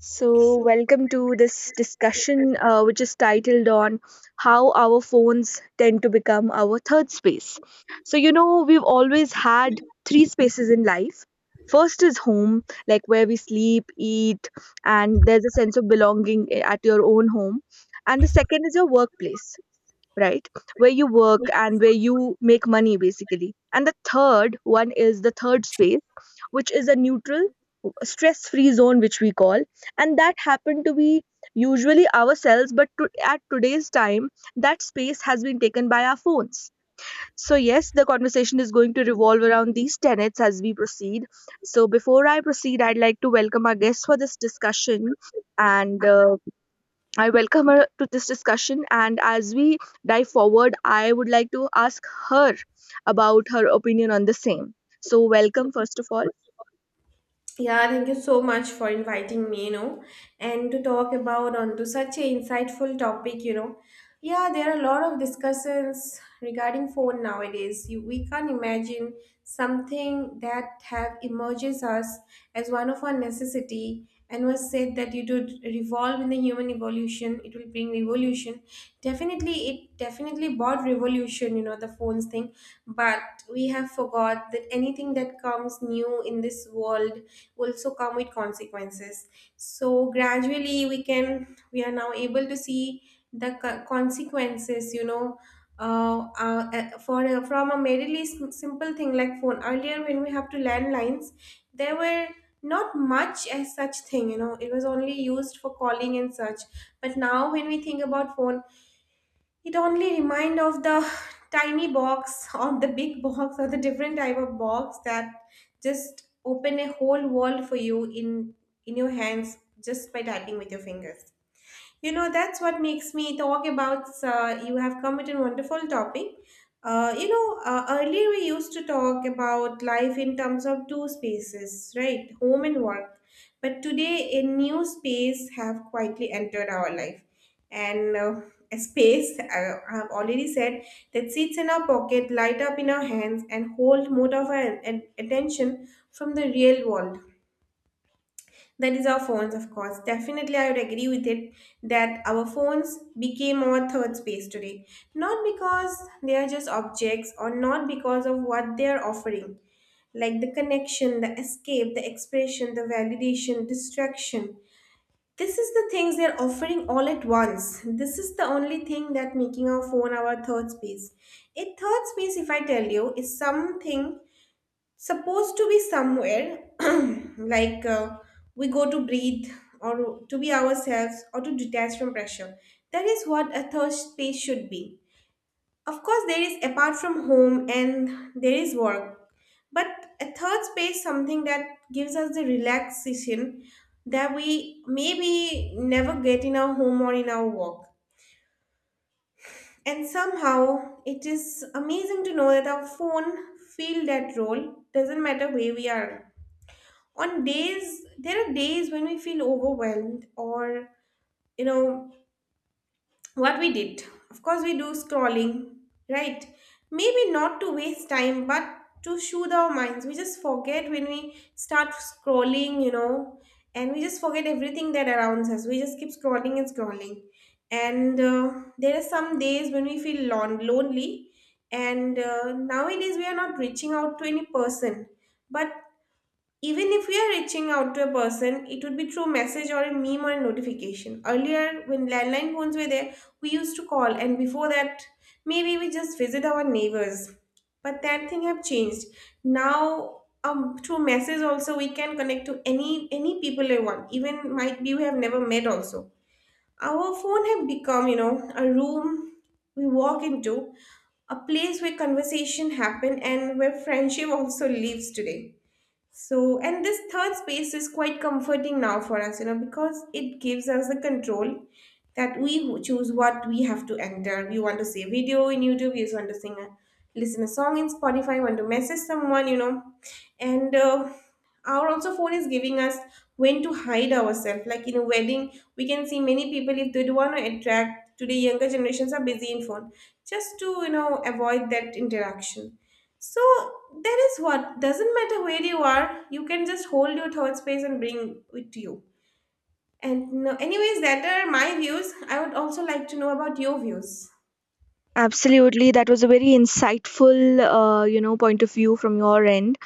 So, welcome to this discussion, which is titled on how our phones tend to become our third space. So, you know, we've always had three spaces in life. First is home, like where we sleep, eat, and there's a sense of belonging at your own home. And the second is your workplace, right? Where you work and where you make money, basically. And the third one is the third space, which is a neutral, stress free zone, which we call. And that happened to be usually ourselves, but at today's time, that space has been taken by our phones. So, yes, the conversation is going to revolve around these tenets as we proceed. So, before I proceed, I'd like to welcome our guests for this discussion. And I welcome her to this discussion. And as we dive forward, I would like to ask her about her opinion on the same. So, welcome, first of all. Yeah, thank you so much for inviting me, and to talk about onto such an insightful topic. Yeah, there are a lot of discussions regarding phone nowadays. We can't imagine something that have emerges us as one of our necessity and was said that it would revolve in the human evolution, it will bring revolution. Definitely, it definitely brought revolution, the phones thing. But we have forgot that anything that comes new in this world also come with consequences. So gradually we are now able to see the consequences. From a merely simple thing like phone, earlier when we have to landlines, there were not much as such thing. It was only used for calling and such. But now when we think about phone, it only remind of the tiny box or the big box or the different type of box that just open a whole world for you in your hands just by tapping with your fingers, that's what makes me talk about. You have come with a wonderful topic. Earlier we used to talk about life in terms of two spaces, right? Home and work. But today, a new space have quietly entered our life, and a space I have already said that sits in our pocket, light up in our hands, and hold more of our attention from the real world. That is our phones, of course. Definitely, I would agree with it that our phones became our third space today. Not because they are just objects or not because of what they are offering, like the connection, the escape, the expression, the validation, distraction. This is the things they're offering all at once. This is the only thing that making our phone our third space. A third space, if I tell you, is something supposed to be somewhere like we go to breathe or to be ourselves or to detach from pressure. That is what a third space should be. Of course there is apart from home and there is work, but a third space something that gives us the relaxation that we maybe never get in our home or in our work. And somehow it is amazing to know that our phone fill that role doesn't matter where we are. On days, there are days when we feel overwhelmed. Or you know what we did? Of course we do scrolling, right? Maybe not to waste time but to soothe our minds, we just forget when we start scrolling, and we just forget everything that surrounds us. We just keep scrolling and scrolling. And there are some days when we feel lonely. And nowadays we are not reaching out to any person, but even if we are reaching out to a person, it would be through message or a meme or a notification. Earlier, when landline phones were there, we used to call, and before that, maybe we just visit our neighbors. But that thing have changed. Now, through message also we can connect to any people we want. Even might be we have never met also. Our phone have become, a room we walk into, a place where conversation happen and where friendship also lives today. So, and this third space is quite comforting now for us, because it gives us the control that we choose what we have to enter. We want to see a video in YouTube, we want to listen a song in Spotify, want to message someone. And our also phone is giving us when to hide ourselves. Like in a wedding, we can see many people if they do want to attract. Today, younger generations are busy in phone just to avoid that interaction. So that is what doesn't matter where you are, you can just hold your thought space and bring it to you. And no, anyways, that are my views. I would also like to know about your views. Absolutely, that was a very insightful, you know, point of view from your end.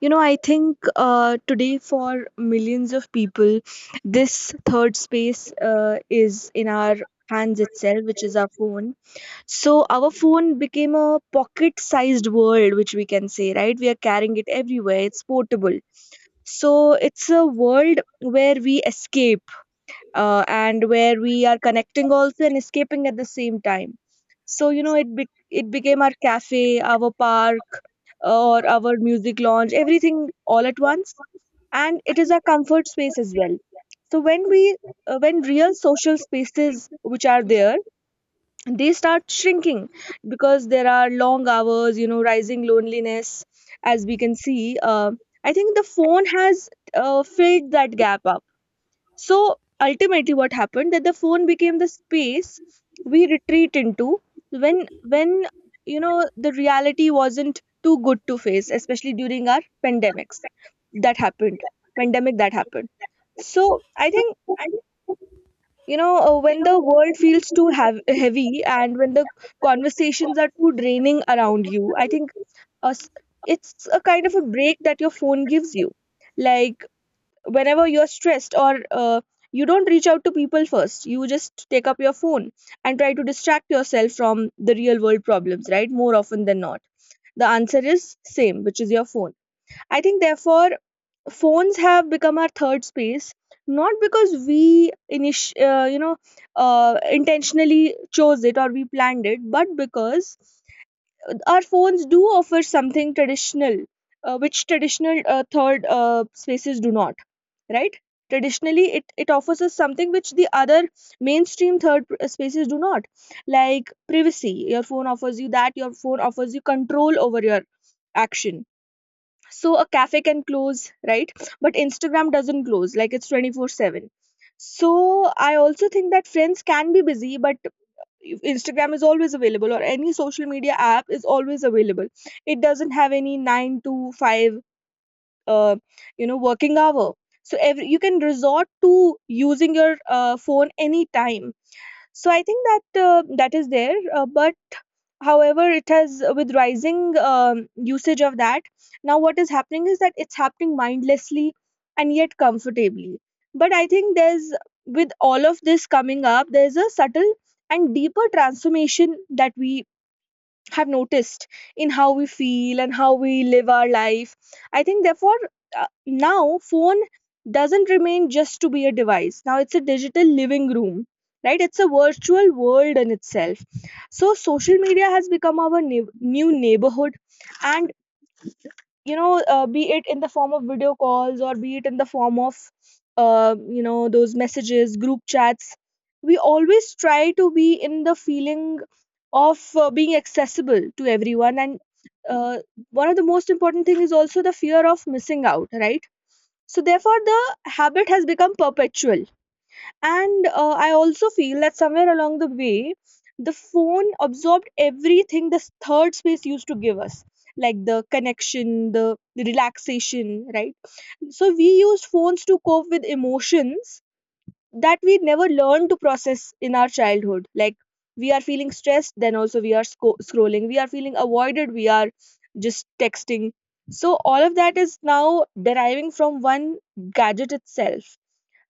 You know, I think today for millions of people, this third space is in our hands itself, which is our phone. So our phone became a pocket-sized world, which we can say, right? We are carrying it everywhere. It's portable. So it's a world where we escape, and where we are connecting also and escaping at the same time. So, you know, it became our cafe, our park, or our music lounge, everything all at once. And it is our comfort space as well. So when we, when real social spaces which are there, they start shrinking, because there are long hours, you know, rising loneliness, as we can see. I think the phone has, filled that gap up. So ultimately what happened that the phone became the space we retreat into when you know, the reality wasn't too good to face, especially during our that happened pandemic that happened. So I think, you know, when the world feels too heav heavy, and when the conversations are too draining around you, I think, uh, s- it's a kind of a break that your phone gives you. Like whenever you're stressed, or you don't reach out to people first, you just take up your phone and try to distract yourself from the real world problems, right? More often than not, the answer is same, which is your phone. I think therefore phones have become our third space, not because we you know, intentionally chose it or we planned it, but because our phones do offer something traditional, which traditional, third, spaces do not, right? Traditionally, it offers us something which the other mainstream spaces do not, like privacy. Your phone offers you that. Your phone offers you control over your action. So a cafe can close, right? But Instagram doesn't close, like it's 24/7. So I also think that friends can be busy, but if Instagram is always available, or any social media app is always available, it doesn't have any 9 to 5 uh, you know, working hour. So every, you can resort to using your phone anytime. So I think that, that is there, but however it has, with rising usage of that, now what is happening is that it's happening mindlessly and yet comfortably. But I think there's, with all of this coming up, there's a subtle and deeper transformation that we have noticed in how we feel and how we live our life. I think therefore, now phone doesn't remain just to be a device. Now it's a digital living room, right? It's a virtual world in itself. So social media has become our new neighborhood. And you know, be it in the form of video calls, or be it in the form of, you know, those messages, group chats, we always try to be in the feeling of, being accessible to everyone. And uh, one of the most important thing is also the fear of missing out, right? So therefore the habit has become perpetual. And I also feel that somewhere along the way, the phone absorbed everything this third space used to give us, like the connection, the relaxation, right? So we used phones to cope with emotions that we never learned to process in our childhood. Like, we are feeling stressed, then also we are scrolling. We are feeling avoided, we are just texting. So all of that is now deriving from one gadget itself.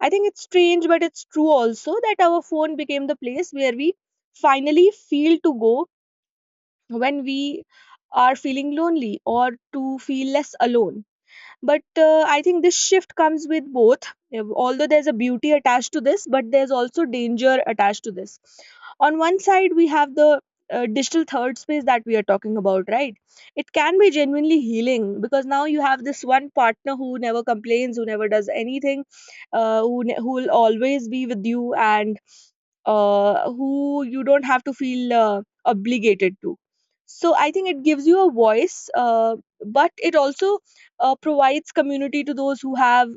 I think it's strange, but it's true also that our phone became the place where we finally feel to go when we are feeling lonely, or to feel less alone. But I think this shift comes with both. Although there's a beauty attached to this, but there's also danger attached to this. On one side we have the, digital third space that we are talking about, right? It can be genuinely healing, because now you have this one partner who never complains, who never does anything, who will always be with you, and who you don't have to feel obligated to. So I think it gives you a voice, but it also, provides community to those who have,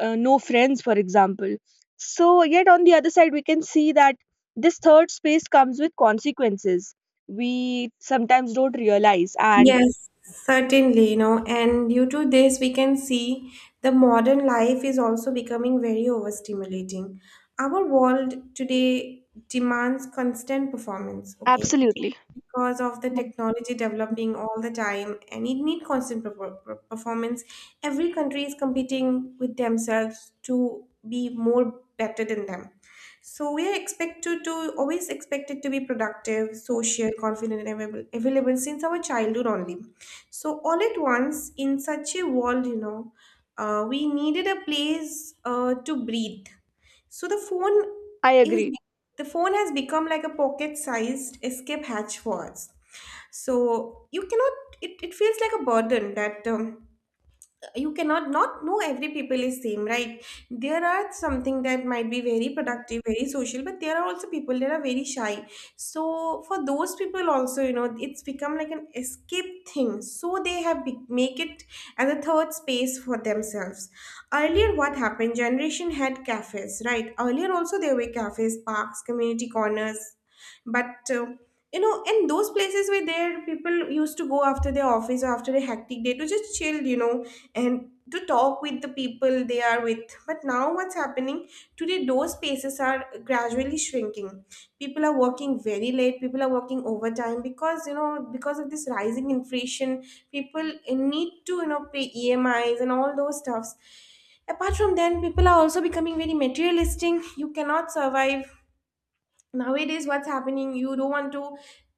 no friends, for example. So, yet on the other side, we can see that this third space comes with consequences we sometimes don't realize. And Yes, certainly, and due to this, we can see the modern life is also becoming very overstimulating. Our world today demands constant performance, okay? absolutely. Because of the technology developing all the time and it need constant performance, every country is competing with themselves to be more better than them. So we are expected to always expected to be productive, social, confident and available since our childhood only. So all at once in such a world, we needed a place to breathe. So I is agree. the phone has become like a pocket-sized escape hatch for us. So you cannot. It feels like a burden that you cannot not know every people is same, right? There are something that might be very productive, very social, but there are also people that are very shy. So for those people also, it's become like an escape thing, so they have make it as a third space for themselves. Earlier what happened, generation had cafes, right? Earlier also there were cafes, parks, community corners. But and those places were there, people used to go after their office or after a hectic day to just chill, and to talk with the people they are with. But now, what's happening today, those spaces are gradually shrinking. People are working very late, people are working overtime because, because of this rising inflation, people need to pay EMIs and all those stuffs. Apart from then, people are also becoming very materialistic. You cannot survive nowadays. What's happening, you don't want to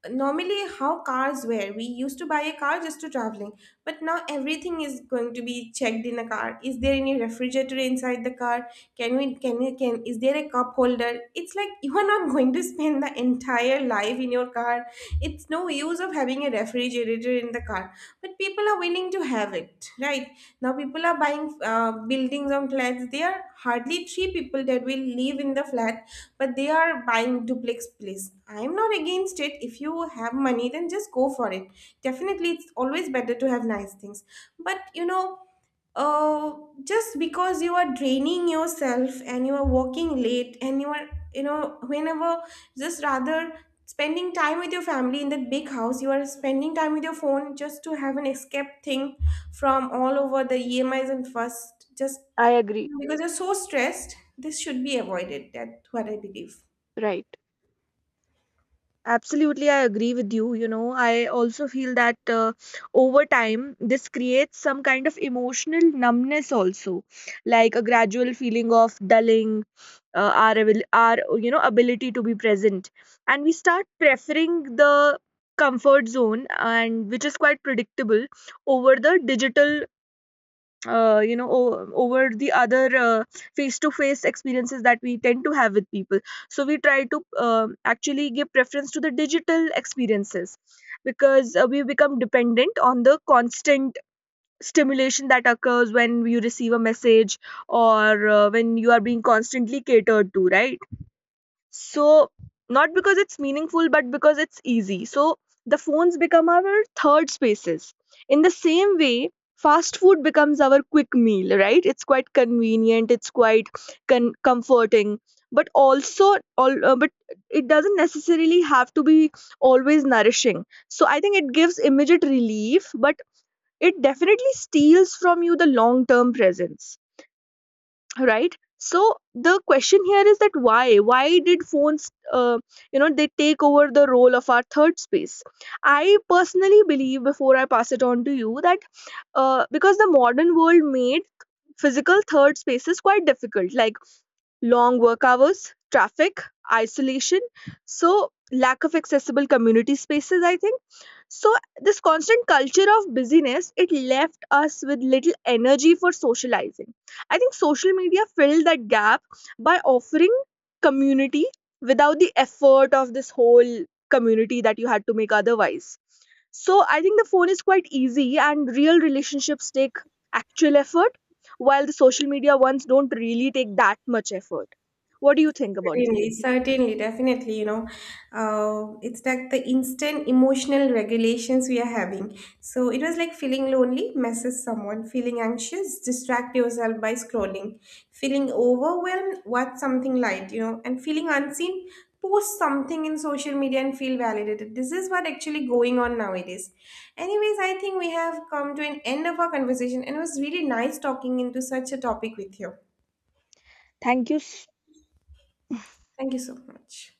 normally how cars were, we used to buy a car just to traveling. But now everything is going to be checked in a car, is there any refrigerator inside the car, can we can we can is there a cup holder? It's like you are not going to spend the entire life in your car. It's no use of having a refrigerator in the car, but people are willing to have it, right? Now people are buying buildings on flats. There are hardly three people that will live in the flat, but they are buying duplex place. I am not against it. If you have money, then just go for it. Definitely it's always better to have nice things, but oh, just because you are draining yourself and you are working late and you are, whenever just rather spending time with your family in that big house, you are spending time with your phone just to have an escape thing from all over the E M is and first, just I agree. because you're so stressed. This should be avoided. That's what I believe. Right. Absolutely, I agree with you. You know, I also feel that over time, this creates some kind of emotional numbness, also, like a gradual feeling of dulling our, you know, ability to be present, and we start preferring the comfort zone, and which is quite predictable, over the digital, you know, over the other face to face experiences that we tend to have with people. So we try to, um, actually give preference to the digital experiences because, we become dependent on the constant stimulation that occurs when you receive a message, or when you are being constantly catered to, right? So, not because it's meaningful, but because it's easy. So, the phones become our third spaces. In the same way, fast food becomes our quick meal, right? It's quite convenient, it's quite comforting, but also, but it doesn't necessarily have to be always nourishing. So, I think it gives immediate relief, but it definitely steals from you the long term presence. Right, so the question here is that why did phones, you know, they take over the role of our third space? I personally believe, before I pass it on to you, that, because the modern world made physical third spaces quite difficult, like long work hours, traffic, isolation, so lack of accessible community spaces, I think. So this constant culture of busyness, it left us with little energy for socializing. I think social media filled that gap by offering community without the effort of this whole community that you had to make otherwise. So I think the phone is quite easy, and real relationships take actual effort, while the social media ones don't really take that much effort. What do you think about this? Certainly, certainly, definitely, it's like the instant emotional regulations we are having. So it was like feeling lonely, message someone, feeling anxious, distract yourself by scrolling, feeling overwhelmed, watch something light, and feeling unseen, post something in social media and feel validated. This is what actually going on nowadays. Anyways, I think we have come to an end of our conversation, and it was really nice talking into such a topic with you. Thank you so much.